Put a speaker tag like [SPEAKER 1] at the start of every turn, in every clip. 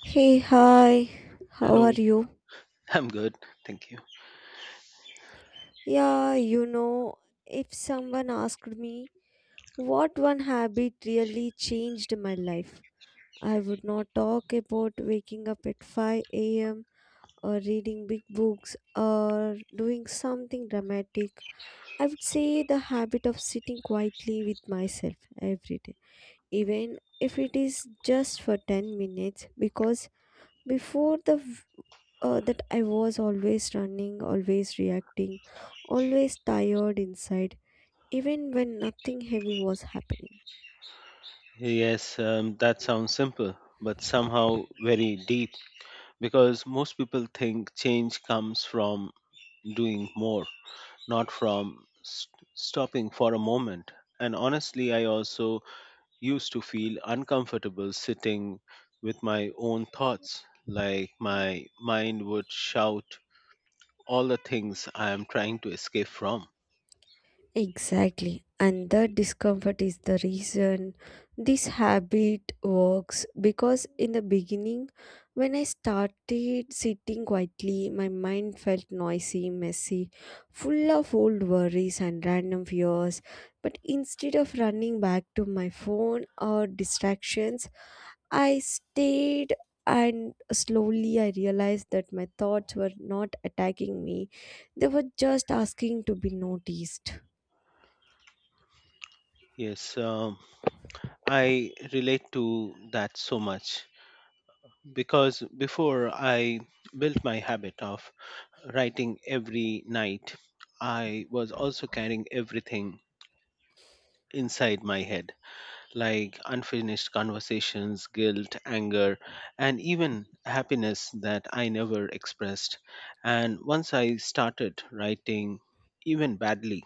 [SPEAKER 1] Hey, hi, how are
[SPEAKER 2] Hello,
[SPEAKER 1] you?
[SPEAKER 2] I'm good. Thank you.
[SPEAKER 1] Yeah, if someone asked me what one habit really changed my life, I would not talk about waking up at 5 a.m. or reading big books or doing something dramatic. I would say the habit of sitting quietly with myself every day, even if it is just for 10 minutes, because before the that I was always running, always reacting, always tired inside, even when nothing heavy was happening.
[SPEAKER 2] Yes, that sounds simple, but somehow very deep because most people think change comes from doing more, not from stopping for a moment. And honestly, I also used to feel uncomfortable sitting with my own thoughts, like my mind would shout all the things I am trying to escape from.
[SPEAKER 1] Exactly. And that discomfort is the reason this habit works because in the beginning, when I started sitting quietly, my mind felt noisy, messy, full of old worries and random fears. But instead of running back to my phone or distractions, I stayed and slowly I realized that my thoughts were not attacking me, they were just asking to be noticed.
[SPEAKER 2] Yes, um, I relate to that so much because before I built my habit of writing every night, I was also carrying everything inside my head, like unfinished conversations, guilt, anger, and even happiness that I never expressed. And once I started writing, even badly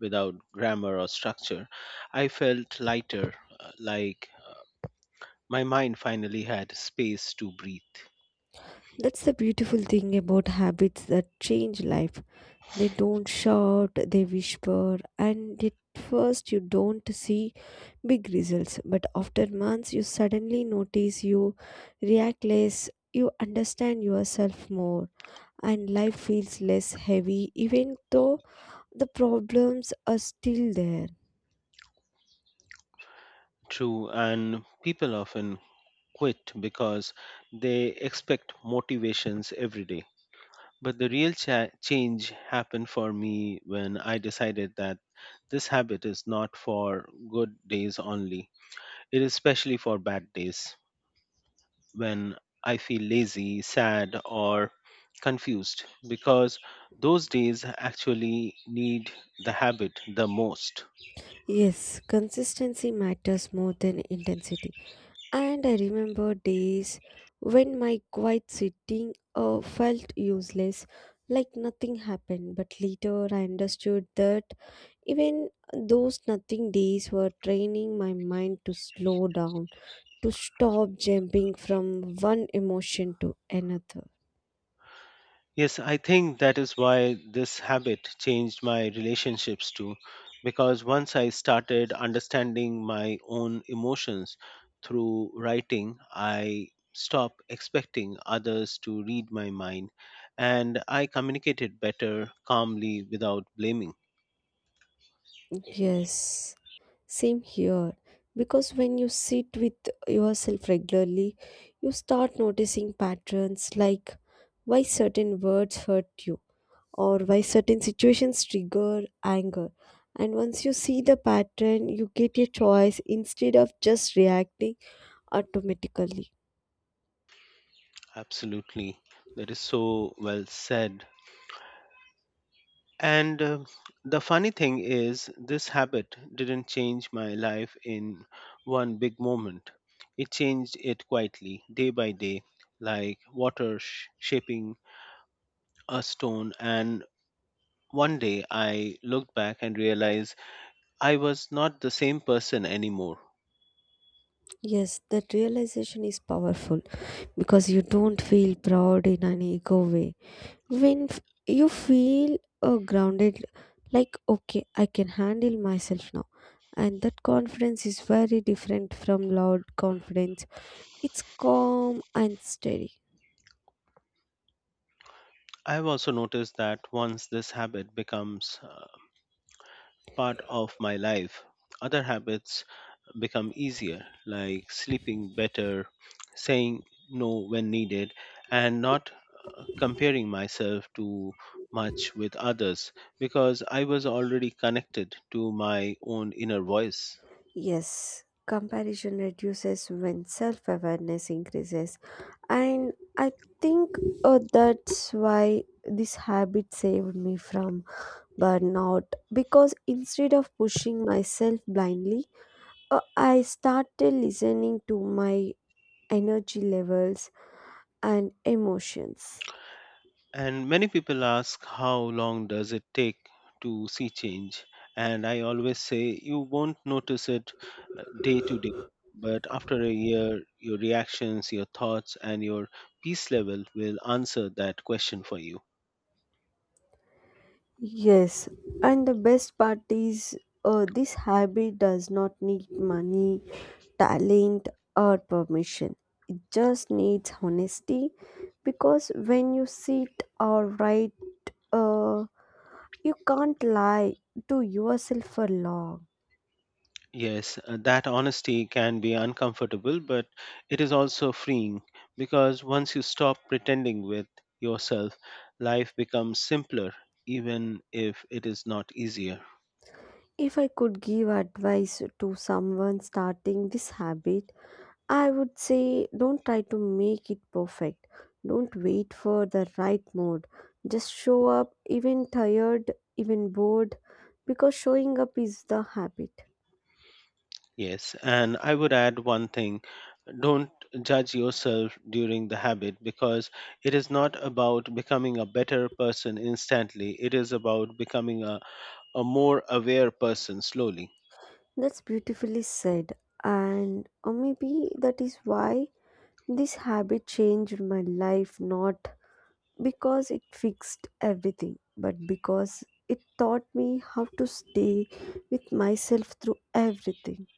[SPEAKER 2] without grammar or structure, I felt lighter, like my mind finally had space to breathe.
[SPEAKER 1] That's the beautiful thing about habits that change life. They don't shout, they whisper, and at first you don't see big results. But after months, you suddenly notice you react less, you understand yourself more, and life feels less heavy, even though the problems are still there.
[SPEAKER 2] True, and people often quit because they expect motivations every day. But the real change happened for me when I decided that this habit is not for good days only. It is especially for bad days when I feel lazy, sad, or confused because those days actually need the habit the most.
[SPEAKER 1] Yes, consistency matters more than intensity. And I remember days when my quiet sitting felt useless, like nothing happened. But later I understood that even those nothing days were training my mind to slow down, to stop jumping from one emotion to another.
[SPEAKER 2] Yes, I think that is why this habit changed my relationships too, because once I started understanding my own emotions through writing, I stopped expecting others to read my mind and I communicated better calmly without blaming.
[SPEAKER 1] Yes, same here. Because when you sit with yourself regularly, you start noticing patterns like why certain words hurt you or why certain situations trigger anger. And once you see the pattern, you get a choice instead of just reacting automatically.
[SPEAKER 2] Absolutely. That is so well said. And The funny thing is, this habit didn't change my life in one big moment. It changed it quietly, day by day, like water shaping a stone. And one day I looked back and realized I was not the same person anymore.
[SPEAKER 1] Yes, that realization is powerful because you don't feel proud in an ego way when you feel grounded, like okay I can handle myself now, and that confidence is very different from loud confidence. It's calm and steady.
[SPEAKER 2] I've also noticed that once this habit becomes part of my life, other habits become easier, like sleeping better, saying no when needed, and not comparing myself too much with others because I was already connected to my own inner voice.
[SPEAKER 1] Yes, comparison reduces when self-awareness increases, and I think that's why this habit saved me from burnout, because instead of pushing myself blindly, I started listening to my energy levels, and emotions.
[SPEAKER 2] And many people ask, how long does it take to see change? And I always say, you won't notice it day to day. But after a year, your reactions, your thoughts, and your peace level will answer that question for you.
[SPEAKER 1] Yes, and the best part is this habit does not need money, talent, or permission. It just needs honesty because when you sit or write, uh, you can't lie to yourself for long.
[SPEAKER 2] Yes, that honesty can be uncomfortable, but it is also freeing because once you stop pretending with yourself, life becomes simpler, even if it is not easier.
[SPEAKER 1] If I could give advice to someone starting this habit, I would say don't try to make it perfect. Don't wait for the right mood. Just show up, even tired, even bored, because showing up is the habit.
[SPEAKER 2] Yes, and I would add one thing: don't judge yourself during the habit because it is not about becoming a better person instantly, it is about becoming a more aware person slowly.
[SPEAKER 1] That's beautifully said. And or maybe that is why this habit changed my life, not because it fixed everything, but because it taught me how to stay with myself through everything.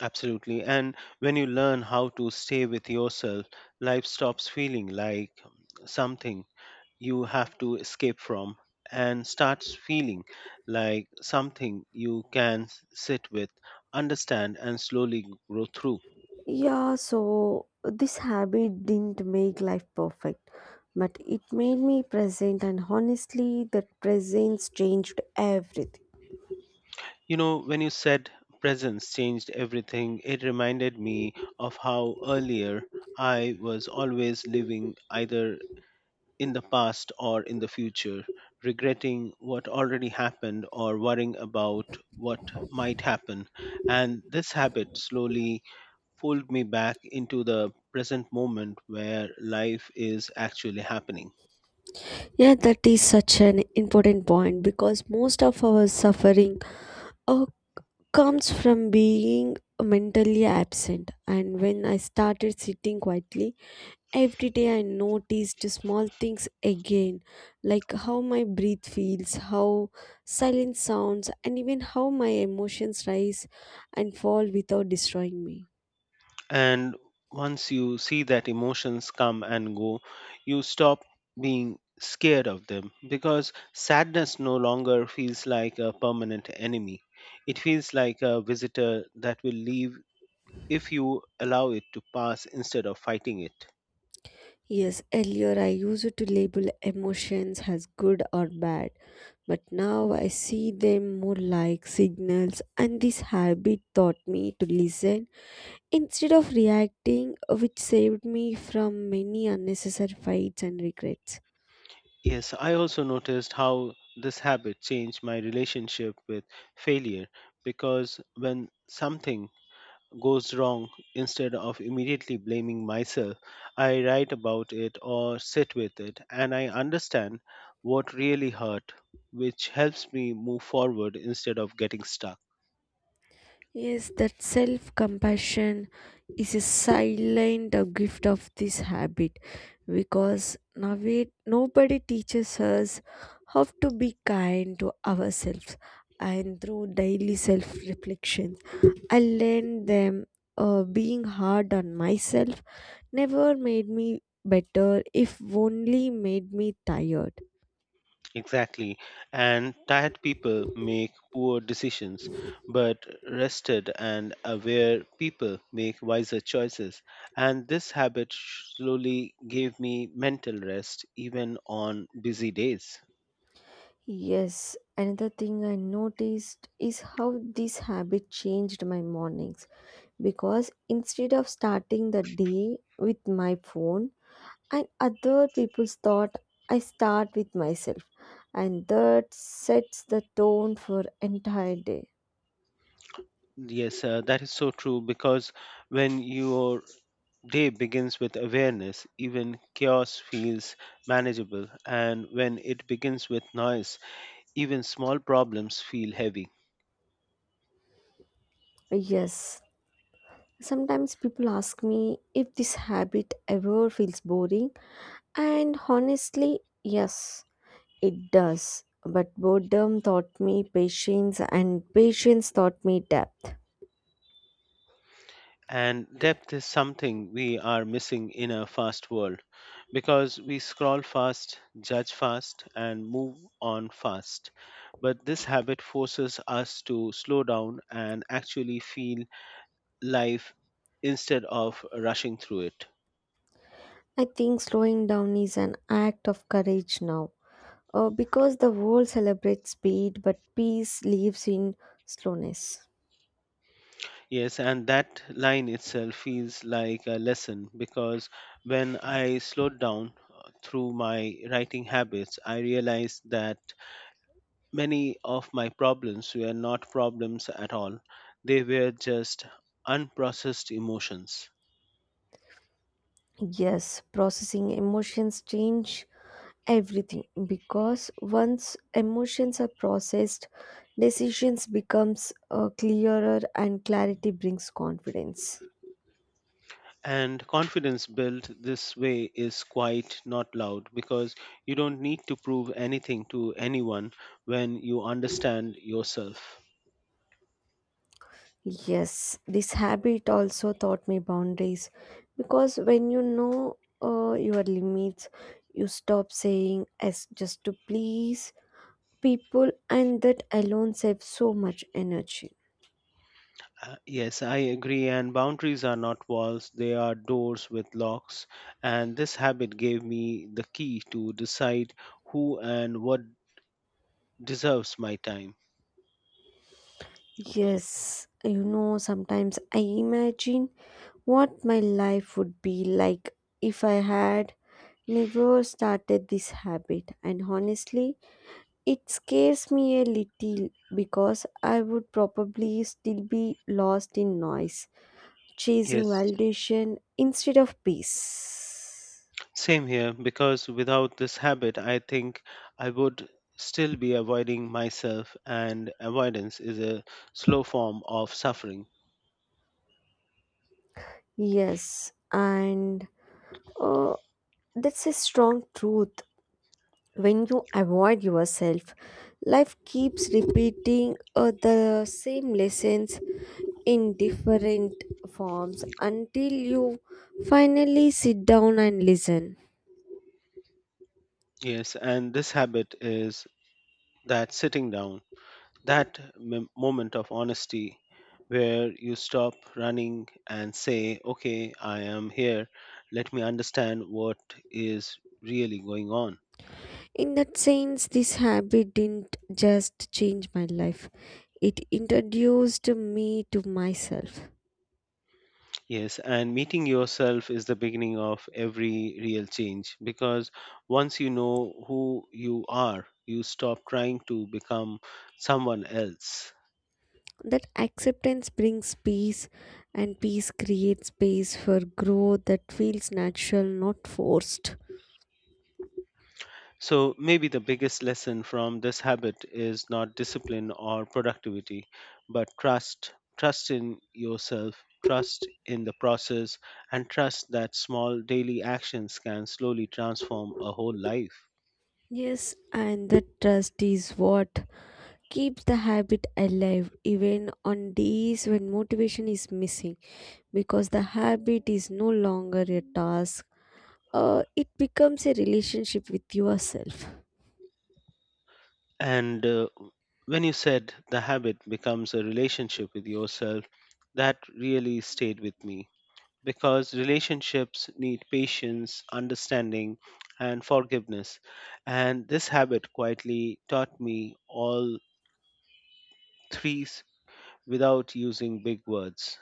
[SPEAKER 2] Absolutely. And when you learn how to stay with yourself, life stops feeling like something you have to escape from and starts feeling like something you can sit with, understand, and slowly grow through.
[SPEAKER 1] Yeah, so this habit didn't make life perfect, but it made me present, and honestly, that presence changed everything.
[SPEAKER 2] You know, when you said presence changed everything, it reminded me of how earlier I was always living either in the past or in the future, regretting what already happened or worrying about what might happen. And this habit slowly pulled me back into the present moment where life is actually happening.
[SPEAKER 1] Yeah, that is such an important point because most of our suffering uh, comes from being mentally absent. And when I started sitting quietly every day, I noticed small things again, like how my breath feels, how silence sounds, and even how my emotions rise and fall without destroying me.
[SPEAKER 2] And once you see that emotions come and go, you stop being scared of them because sadness no longer feels like a permanent enemy. It feels like a visitor that will leave if you allow it to pass instead of fighting it.
[SPEAKER 1] Yes, earlier I used to label emotions as good or bad, but now I see them more like signals, and this habit taught me to listen instead of reacting, which saved me from many unnecessary fights and regrets.
[SPEAKER 2] Yes, I also noticed how this habit changed my relationship with failure because when something goes wrong, instead of immediately blaming myself, I write about it or sit with it and I understand what really hurt, which helps me move forward instead of getting stuck.
[SPEAKER 1] Yes, that self compassion is a silent gift of this habit because now nobody teaches us how to be kind to ourselves. And through daily self reflection, I learned them being hard on myself never made me better, if only made me tired.
[SPEAKER 2] Exactly. And tired people make poor decisions, but rested and aware people make wiser choices. And this habit slowly gave me mental rest even on busy days.
[SPEAKER 1] Yes, another thing I noticed is how this habit changed my mornings, because instead of starting the day with my phone and other people's thought, I start with myself, and that sets the tone for entire day.
[SPEAKER 2] Yes, that is so true because when your day begins with awareness, even chaos feels manageable. And when it begins with noise, even small problems feel heavy.
[SPEAKER 1] Yes, sometimes people ask me if this habit ever feels boring, and honestly yes it does, but boredom taught me patience, and patience taught me depth.
[SPEAKER 2] And depth is something we are missing in a fast world because we scroll fast, judge fast, and move on fast. But this habit forces us to slow down and actually feel life instead of rushing through it.
[SPEAKER 1] I think slowing down is an act of courage now, because the world celebrates speed, but peace lives in slowness.
[SPEAKER 2] Yes, and that line itself feels like a lesson because when I slowed down through my writing habits, I realized that many of my problems were not problems at all, they were just unprocessed emotions.
[SPEAKER 1] Yes, processing emotions change everything, because once emotions are processed, decisions becomes clearer, and clarity brings confidence.
[SPEAKER 2] And confidence built this way is quite not loud because you don't need to prove anything to anyone when you understand yourself.
[SPEAKER 1] Yes, this habit also taught me boundaries, because when you know your limits, you stop saying yes just to please people, and that alone saves so much energy.
[SPEAKER 2] Yes, I agree. And boundaries are not walls, they are doors with locks. And this habit gave me the key to decide who and what deserves my time.
[SPEAKER 1] Yes, sometimes I imagine what my life would be like if I had never started this habit, and honestly it scares me a little, because I would probably still be lost in noise, chasing
[SPEAKER 2] Yes.
[SPEAKER 1] validation instead of peace.
[SPEAKER 2] Same here, because without this habit, I think I would still be avoiding myself, and avoidance is a slow form of suffering.
[SPEAKER 1] Yes, and uh, that's a strong truth. When you avoid yourself, life keeps repeating the same lessons in different forms until you finally sit down and listen.
[SPEAKER 2] Yes, and this habit is that sitting down, that moment of honesty where you stop running and say, okay, I am here, let me understand what is really going on.
[SPEAKER 1] In that sense, this habit didn't just change my life, it introduced me to myself.
[SPEAKER 2] Yes, and meeting yourself is the beginning of every real change because once you know who you are, you stop trying to become someone else.
[SPEAKER 1] That acceptance brings peace, and peace creates space for growth that feels natural, not forced.
[SPEAKER 2] So, maybe the biggest lesson from this habit is not discipline or productivity, but trust. Trust in yourself, trust in the process, and trust that small daily actions can slowly transform a whole life.
[SPEAKER 1] Yes, and the trust is what keeps the habit alive even on days when motivation is missing, because the habit is no longer a task. It becomes a relationship with yourself.
[SPEAKER 2] And When you said the habit becomes a relationship with yourself, that really stayed with me because relationships need patience, understanding, and forgiveness. And this habit quietly taught me all three without using big words.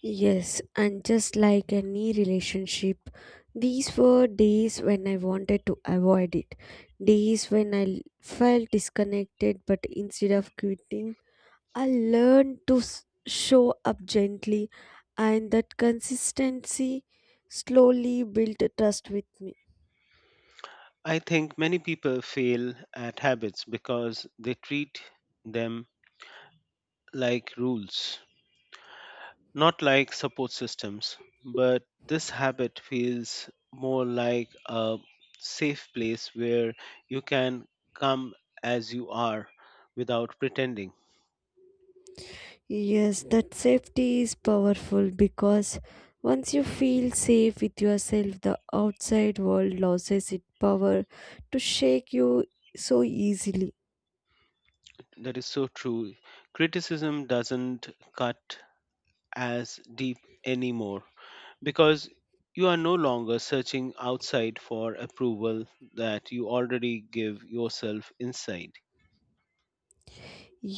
[SPEAKER 1] Yes, and just like any relationship, these were days when I wanted to avoid it. Days when I felt disconnected, but instead of quitting, I learned to show up gently, and that consistency slowly built a trust with me.
[SPEAKER 2] I think many people fail at habits because they treat them like rules, not like support systems, but this habit feels more like a safe place where you can come as you are without pretending.
[SPEAKER 1] Yes, that safety is powerful, because once you feel safe with yourself, the outside world loses its power to shake you so easily.
[SPEAKER 2] That is so true. Criticism doesn't cut as deep anymore because you are no longer searching outside for approval that you already give yourself inside.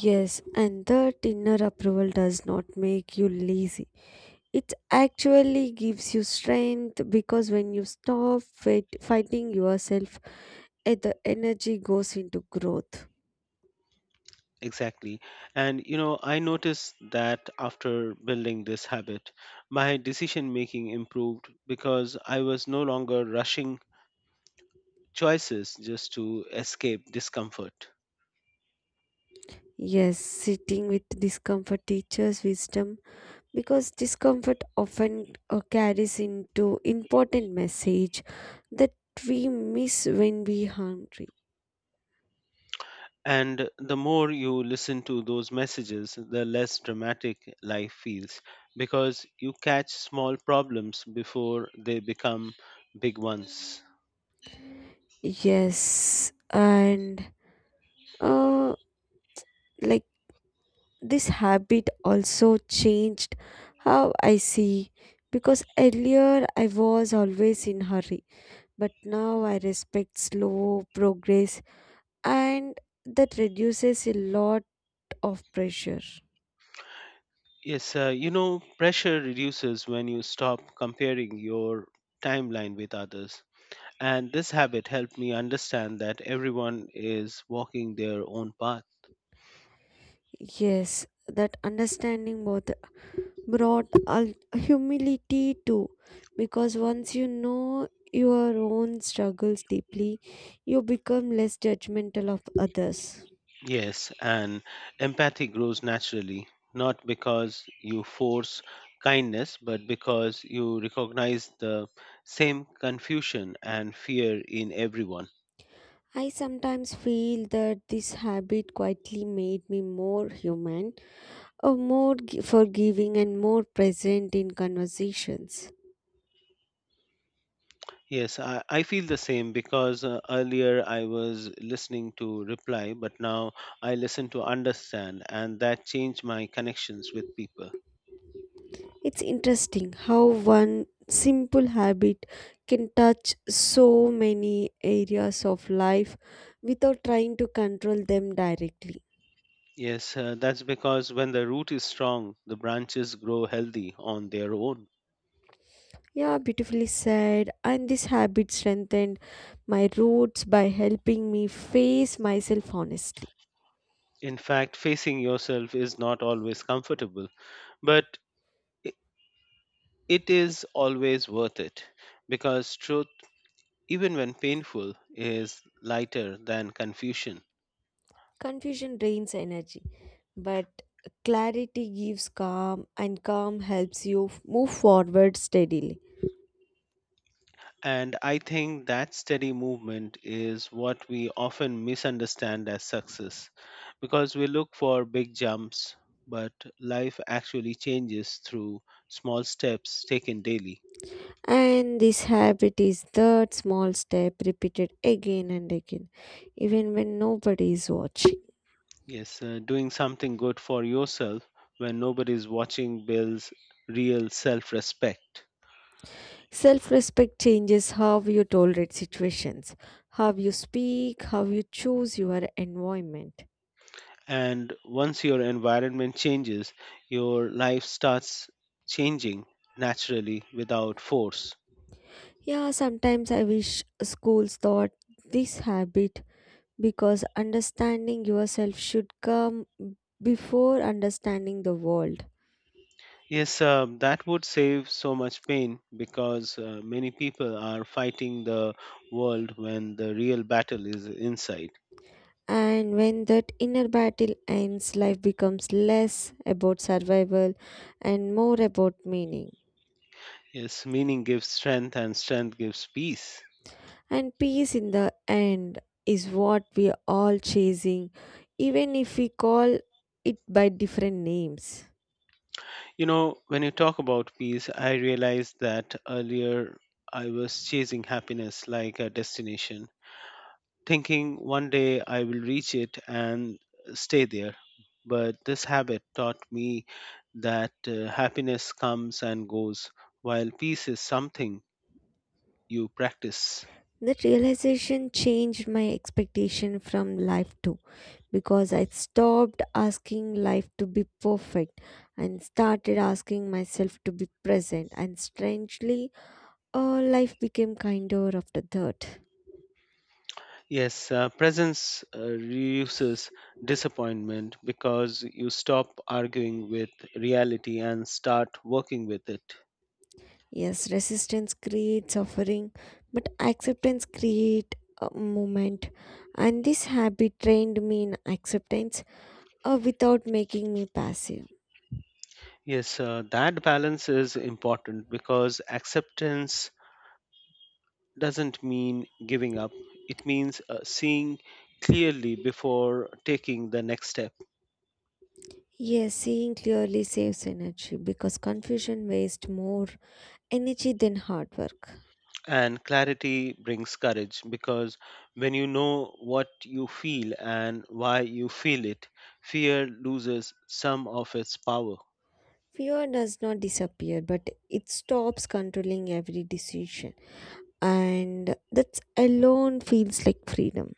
[SPEAKER 1] Yes, and that inner approval does not make you lazy. It actually gives you strength, because when you stop fighting yourself, the energy goes into growth.
[SPEAKER 2] Exactly. And you know, I noticed that after building this habit, my decision making improved because I was no longer rushing choices just to escape discomfort.
[SPEAKER 1] Yes, sitting with discomfort teaches wisdom, because discomfort often carries into important message that we miss when we hungry.
[SPEAKER 2] And the more you listen to those messages, the less dramatic life feels because you catch small problems before they become big ones.
[SPEAKER 1] Yes, and uh, like this habit also changed how I see, because earlier I was always in hurry, but now I respect slow progress, and that reduces a lot of pressure.
[SPEAKER 2] Yes, you know, pressure reduces when you stop comparing your timeline with others. And this habit helped me understand that everyone is walking their own path.
[SPEAKER 1] Yes, that understanding both brought humility too, because once you know your own struggles deeply, you become less judgmental of others.
[SPEAKER 2] Yes, and empathy grows naturally, not because you force kindness, but because you recognize the same confusion and fear in everyone.
[SPEAKER 1] I sometimes feel that this habit quietly made me more human, or more forgiving, and more present in conversations.
[SPEAKER 2] Yes, I feel the same because earlier I was listening to reply, but now I listen to understand, and that changed my connections with people.
[SPEAKER 1] It's interesting how one simple habit can touch so many areas of life without trying to control them directly.
[SPEAKER 2] Yes, that's because when the root is strong, the branches grow healthy on their own.
[SPEAKER 1] Yeah, beautifully said. And this habit strengthened my roots by helping me face myself honestly.
[SPEAKER 2] In fact, facing yourself is not always comfortable, but i- it is always worth it because truth, even when painful, is lighter than confusion.
[SPEAKER 1] Confusion drains energy, but clarity gives calm, and calm helps you move forward steadily.
[SPEAKER 2] And I think that steady movement is what we often misunderstand as success because we look for big jumps, but life actually changes through small steps taken daily.
[SPEAKER 1] And this habit is that small step repeated again and again, even when nobody is watching.
[SPEAKER 2] Yes, Doing something good for yourself when nobody is watching builds real self respect.
[SPEAKER 1] Self respect changes how you tolerate situations, how you speak, how you choose your environment.
[SPEAKER 2] And once your environment changes, your life starts changing naturally without force.
[SPEAKER 1] Yeah, sometimes I wish schools taught this habit, because understanding yourself should come before understanding the world.
[SPEAKER 2] Yes, that would save so much pain because many people are fighting the world when the real battle is inside.
[SPEAKER 1] And when that inner battle ends, life becomes less about survival and more about meaning.
[SPEAKER 2] Yes, meaning gives strength and strength gives peace.
[SPEAKER 1] And peace in the end is what we are all chasing, even if we call it by different names.
[SPEAKER 2] You know, when you talk about peace, I realized that earlier I was chasing happiness like a destination, thinking one day I will reach it and stay there. But this habit taught me that happiness comes and goes, while peace is something you practice.
[SPEAKER 1] That realization changed my expectation from life too, because I stopped asking life to be perfect and started asking myself to be present. And strangely, life became kinder after that.
[SPEAKER 2] Yes, presence reduces disappointment because you stop arguing with reality and start working with it.
[SPEAKER 1] Yes, resistance creates suffering, but acceptance creates a moment. And this habit trained me in acceptance without making me passive.
[SPEAKER 2] Yes, that balance is important because acceptance doesn't mean giving up. It means seeing clearly before taking the next step.
[SPEAKER 1] Yes, seeing clearly saves energy, because confusion wastes more energy than hard work.
[SPEAKER 2] And clarity brings courage because when you know what you feel and why you feel it, fear loses some of its power.
[SPEAKER 1] Fear does not disappear, but it stops controlling every decision. And that alone feels like freedom.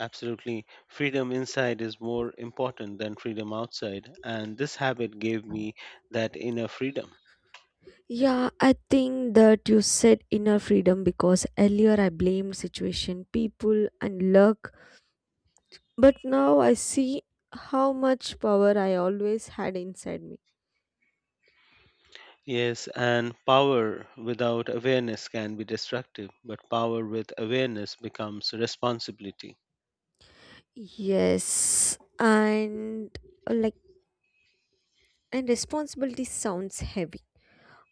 [SPEAKER 2] Absolutely. Freedom inside is more important than freedom outside. And this habit gave me that inner freedom.
[SPEAKER 1] Yeah, I think that you said inner freedom, because earlier I blamed situation, people, and luck, but now I see how much power I always had inside me.
[SPEAKER 2] Yes, and power without awareness can be destructive, but power with awareness becomes responsibility.
[SPEAKER 1] Yes, and uh, like, responsibility sounds heavy,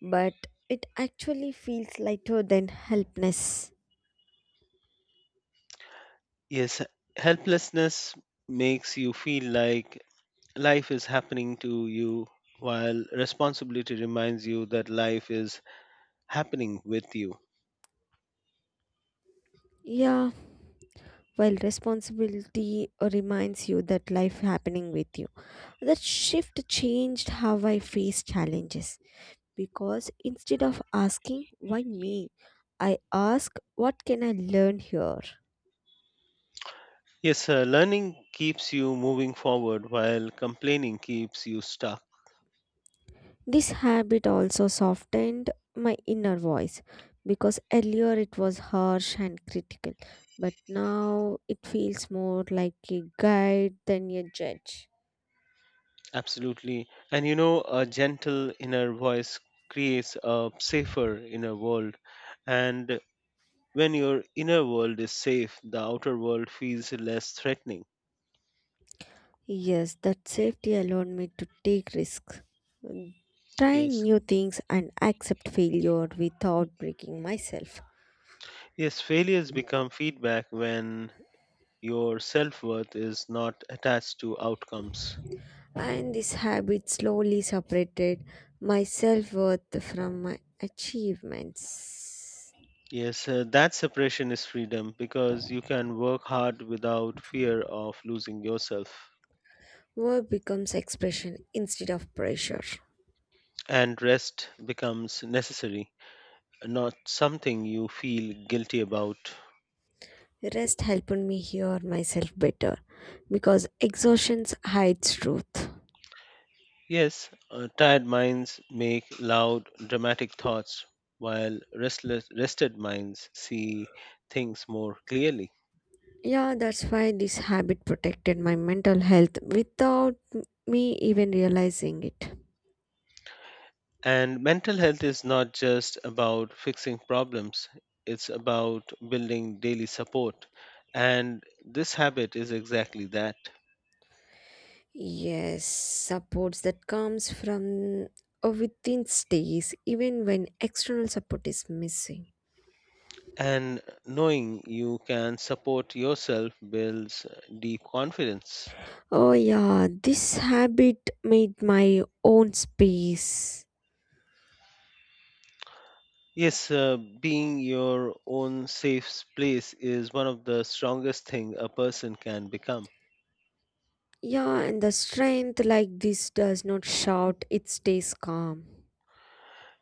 [SPEAKER 1] but it actually feels lighter than helpless.
[SPEAKER 2] Yes, helplessness makes you feel like life is happening to you, while responsibility reminds you that life is happening with you.
[SPEAKER 1] Yeah, well, responsibility reminds you that life happening with you. That shift changed how I face challenges, because instead of asking, why me? I ask, what can I learn here?
[SPEAKER 2] Yes, Learning keeps you moving forward, while complaining keeps you stuck.
[SPEAKER 1] This habit also softened my inner voice, because earlier it was harsh and critical, but now it feels more like a guide than a judge.
[SPEAKER 2] Absolutely. And you know, a gentle inner voice creates a safer inner world. And when your inner world is safe, the outer world feels less threatening.
[SPEAKER 1] Yes, that safety allowed me to take risks, try
[SPEAKER 2] Yes.
[SPEAKER 1] new things, and accept failure without breaking myself.
[SPEAKER 2] Yes, failures become feedback when your self worth is not attached to outcomes.
[SPEAKER 1] And this habit slowly separated my self worth from my achievements.
[SPEAKER 2] Yes, that separation is freedom because you can work hard without fear of losing yourself,
[SPEAKER 1] Work becomes expression instead of pressure.
[SPEAKER 2] and rest becomes necessary, not something you feel guilty about.
[SPEAKER 1] Rest helped me hear myself better, because exhaustion hides truth.
[SPEAKER 2] Yes, Tired minds make loud, dramatic thoughts, while restless, rested minds see things more clearly.
[SPEAKER 1] Yeah, that's why this habit protected my mental health without me even realizing it.
[SPEAKER 2] And mental health is not just about fixing problems, it's about building daily support. And this habit is exactly that.
[SPEAKER 1] Yes, supports that comes from within stays even when external support is missing.
[SPEAKER 2] And knowing you can support yourself builds deep confidence.
[SPEAKER 1] Oh, yeah, this habit made my own space.
[SPEAKER 2] Yes, Being your own safe place is one of the strongest thing a person can become.
[SPEAKER 1] Yeah, and the strength like this does not shout, it stays calm.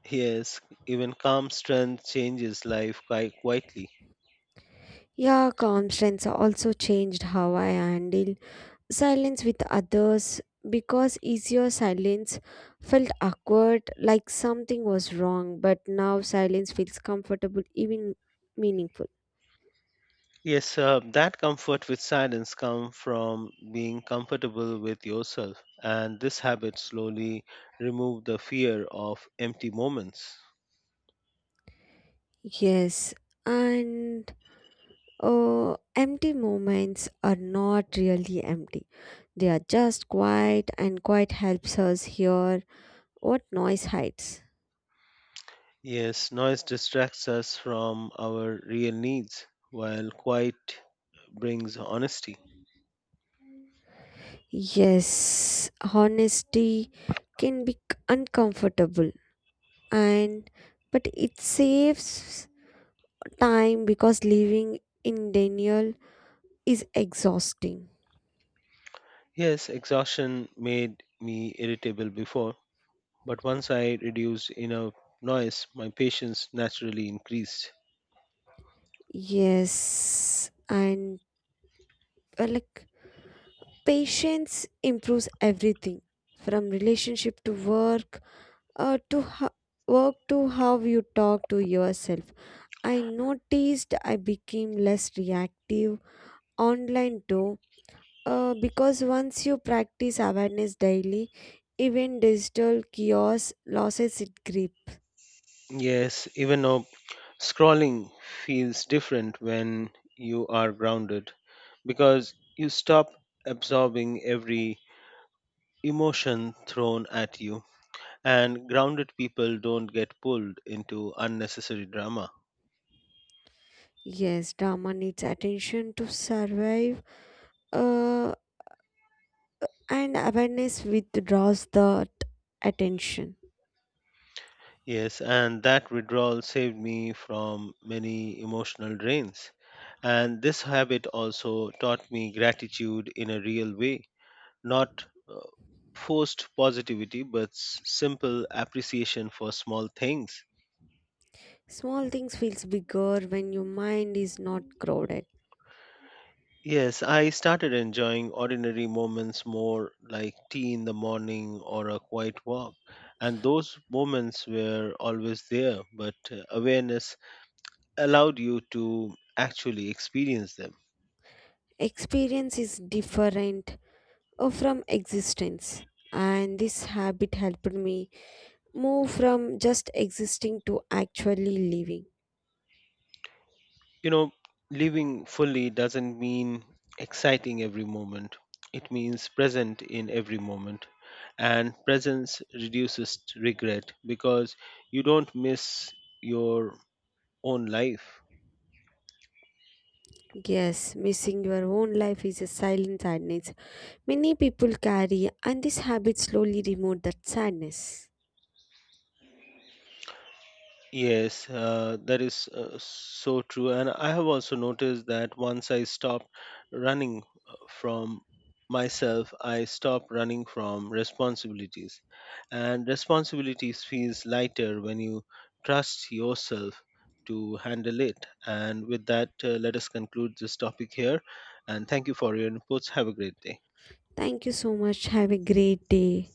[SPEAKER 2] Yes, even calm strength changes life quite quietly.
[SPEAKER 1] Yeah, calm strengths also changed how I handle silence with others, because easier silence felt awkward, like something was wrong, but now silence feels comfortable, even meaningful.
[SPEAKER 2] Yes, that comfort with silence comes from being comfortable with yourself, and this habit slowly remove the fear of empty moments.
[SPEAKER 1] Yes, and empty moments are not really empty. They are just quiet, and quiet helps us hear what noise hides.
[SPEAKER 2] Yes, noise distracts us from our real needs, while quiet brings honesty.
[SPEAKER 1] Yes, honesty can be uncomfortable, and but it saves time, because living in denial is exhausting.
[SPEAKER 2] Yes, exhaustion made me irritable before, but once I reduced enough noise, my patience naturally increased.
[SPEAKER 1] Yes, and like patience improves everything from relationship to work, uh, to ho- to how you talk to yourself. I noticed I became less reactive online too, because once you practice awareness daily, even digital chaos loses its grip.
[SPEAKER 2] Yes, even though scrolling feels different when you are grounded because you stop absorbing every emotion thrown at you, and grounded people don't get pulled into unnecessary drama.
[SPEAKER 1] Yes, drama needs attention to survive, uh, and awareness withdraws that attention.
[SPEAKER 2] Yes, and that withdrawal saved me from many emotional drains. And this habit also taught me gratitude in a real way, not forced positivity, but simple appreciation for small things.
[SPEAKER 1] Small things feels bigger when your mind is not crowded.
[SPEAKER 2] Yes, I started enjoying ordinary moments more, like tea in the morning or a quiet walk. And those moments were always there, but awareness allowed you to actually experience them.
[SPEAKER 1] Experience is different from existence, and this habit helped me move from just existing to actually living.
[SPEAKER 2] You know, living fully doesn't mean exciting every moment. It means present in every moment. And presence reduces regret because you don't miss your own life.
[SPEAKER 1] Yes, missing your own life is a silent sadness many people carry, and this habit slowly removes that sadness.
[SPEAKER 2] Yes, that is so true. And I have also noticed that once I stopped running from myself, I stopped running from responsibilities. And responsibilities feels lighter when you trust yourself to handle it. And with that, let us conclude this topic here. And thank you for your inputs. Have a great day.
[SPEAKER 1] Thank you so much, have a great day.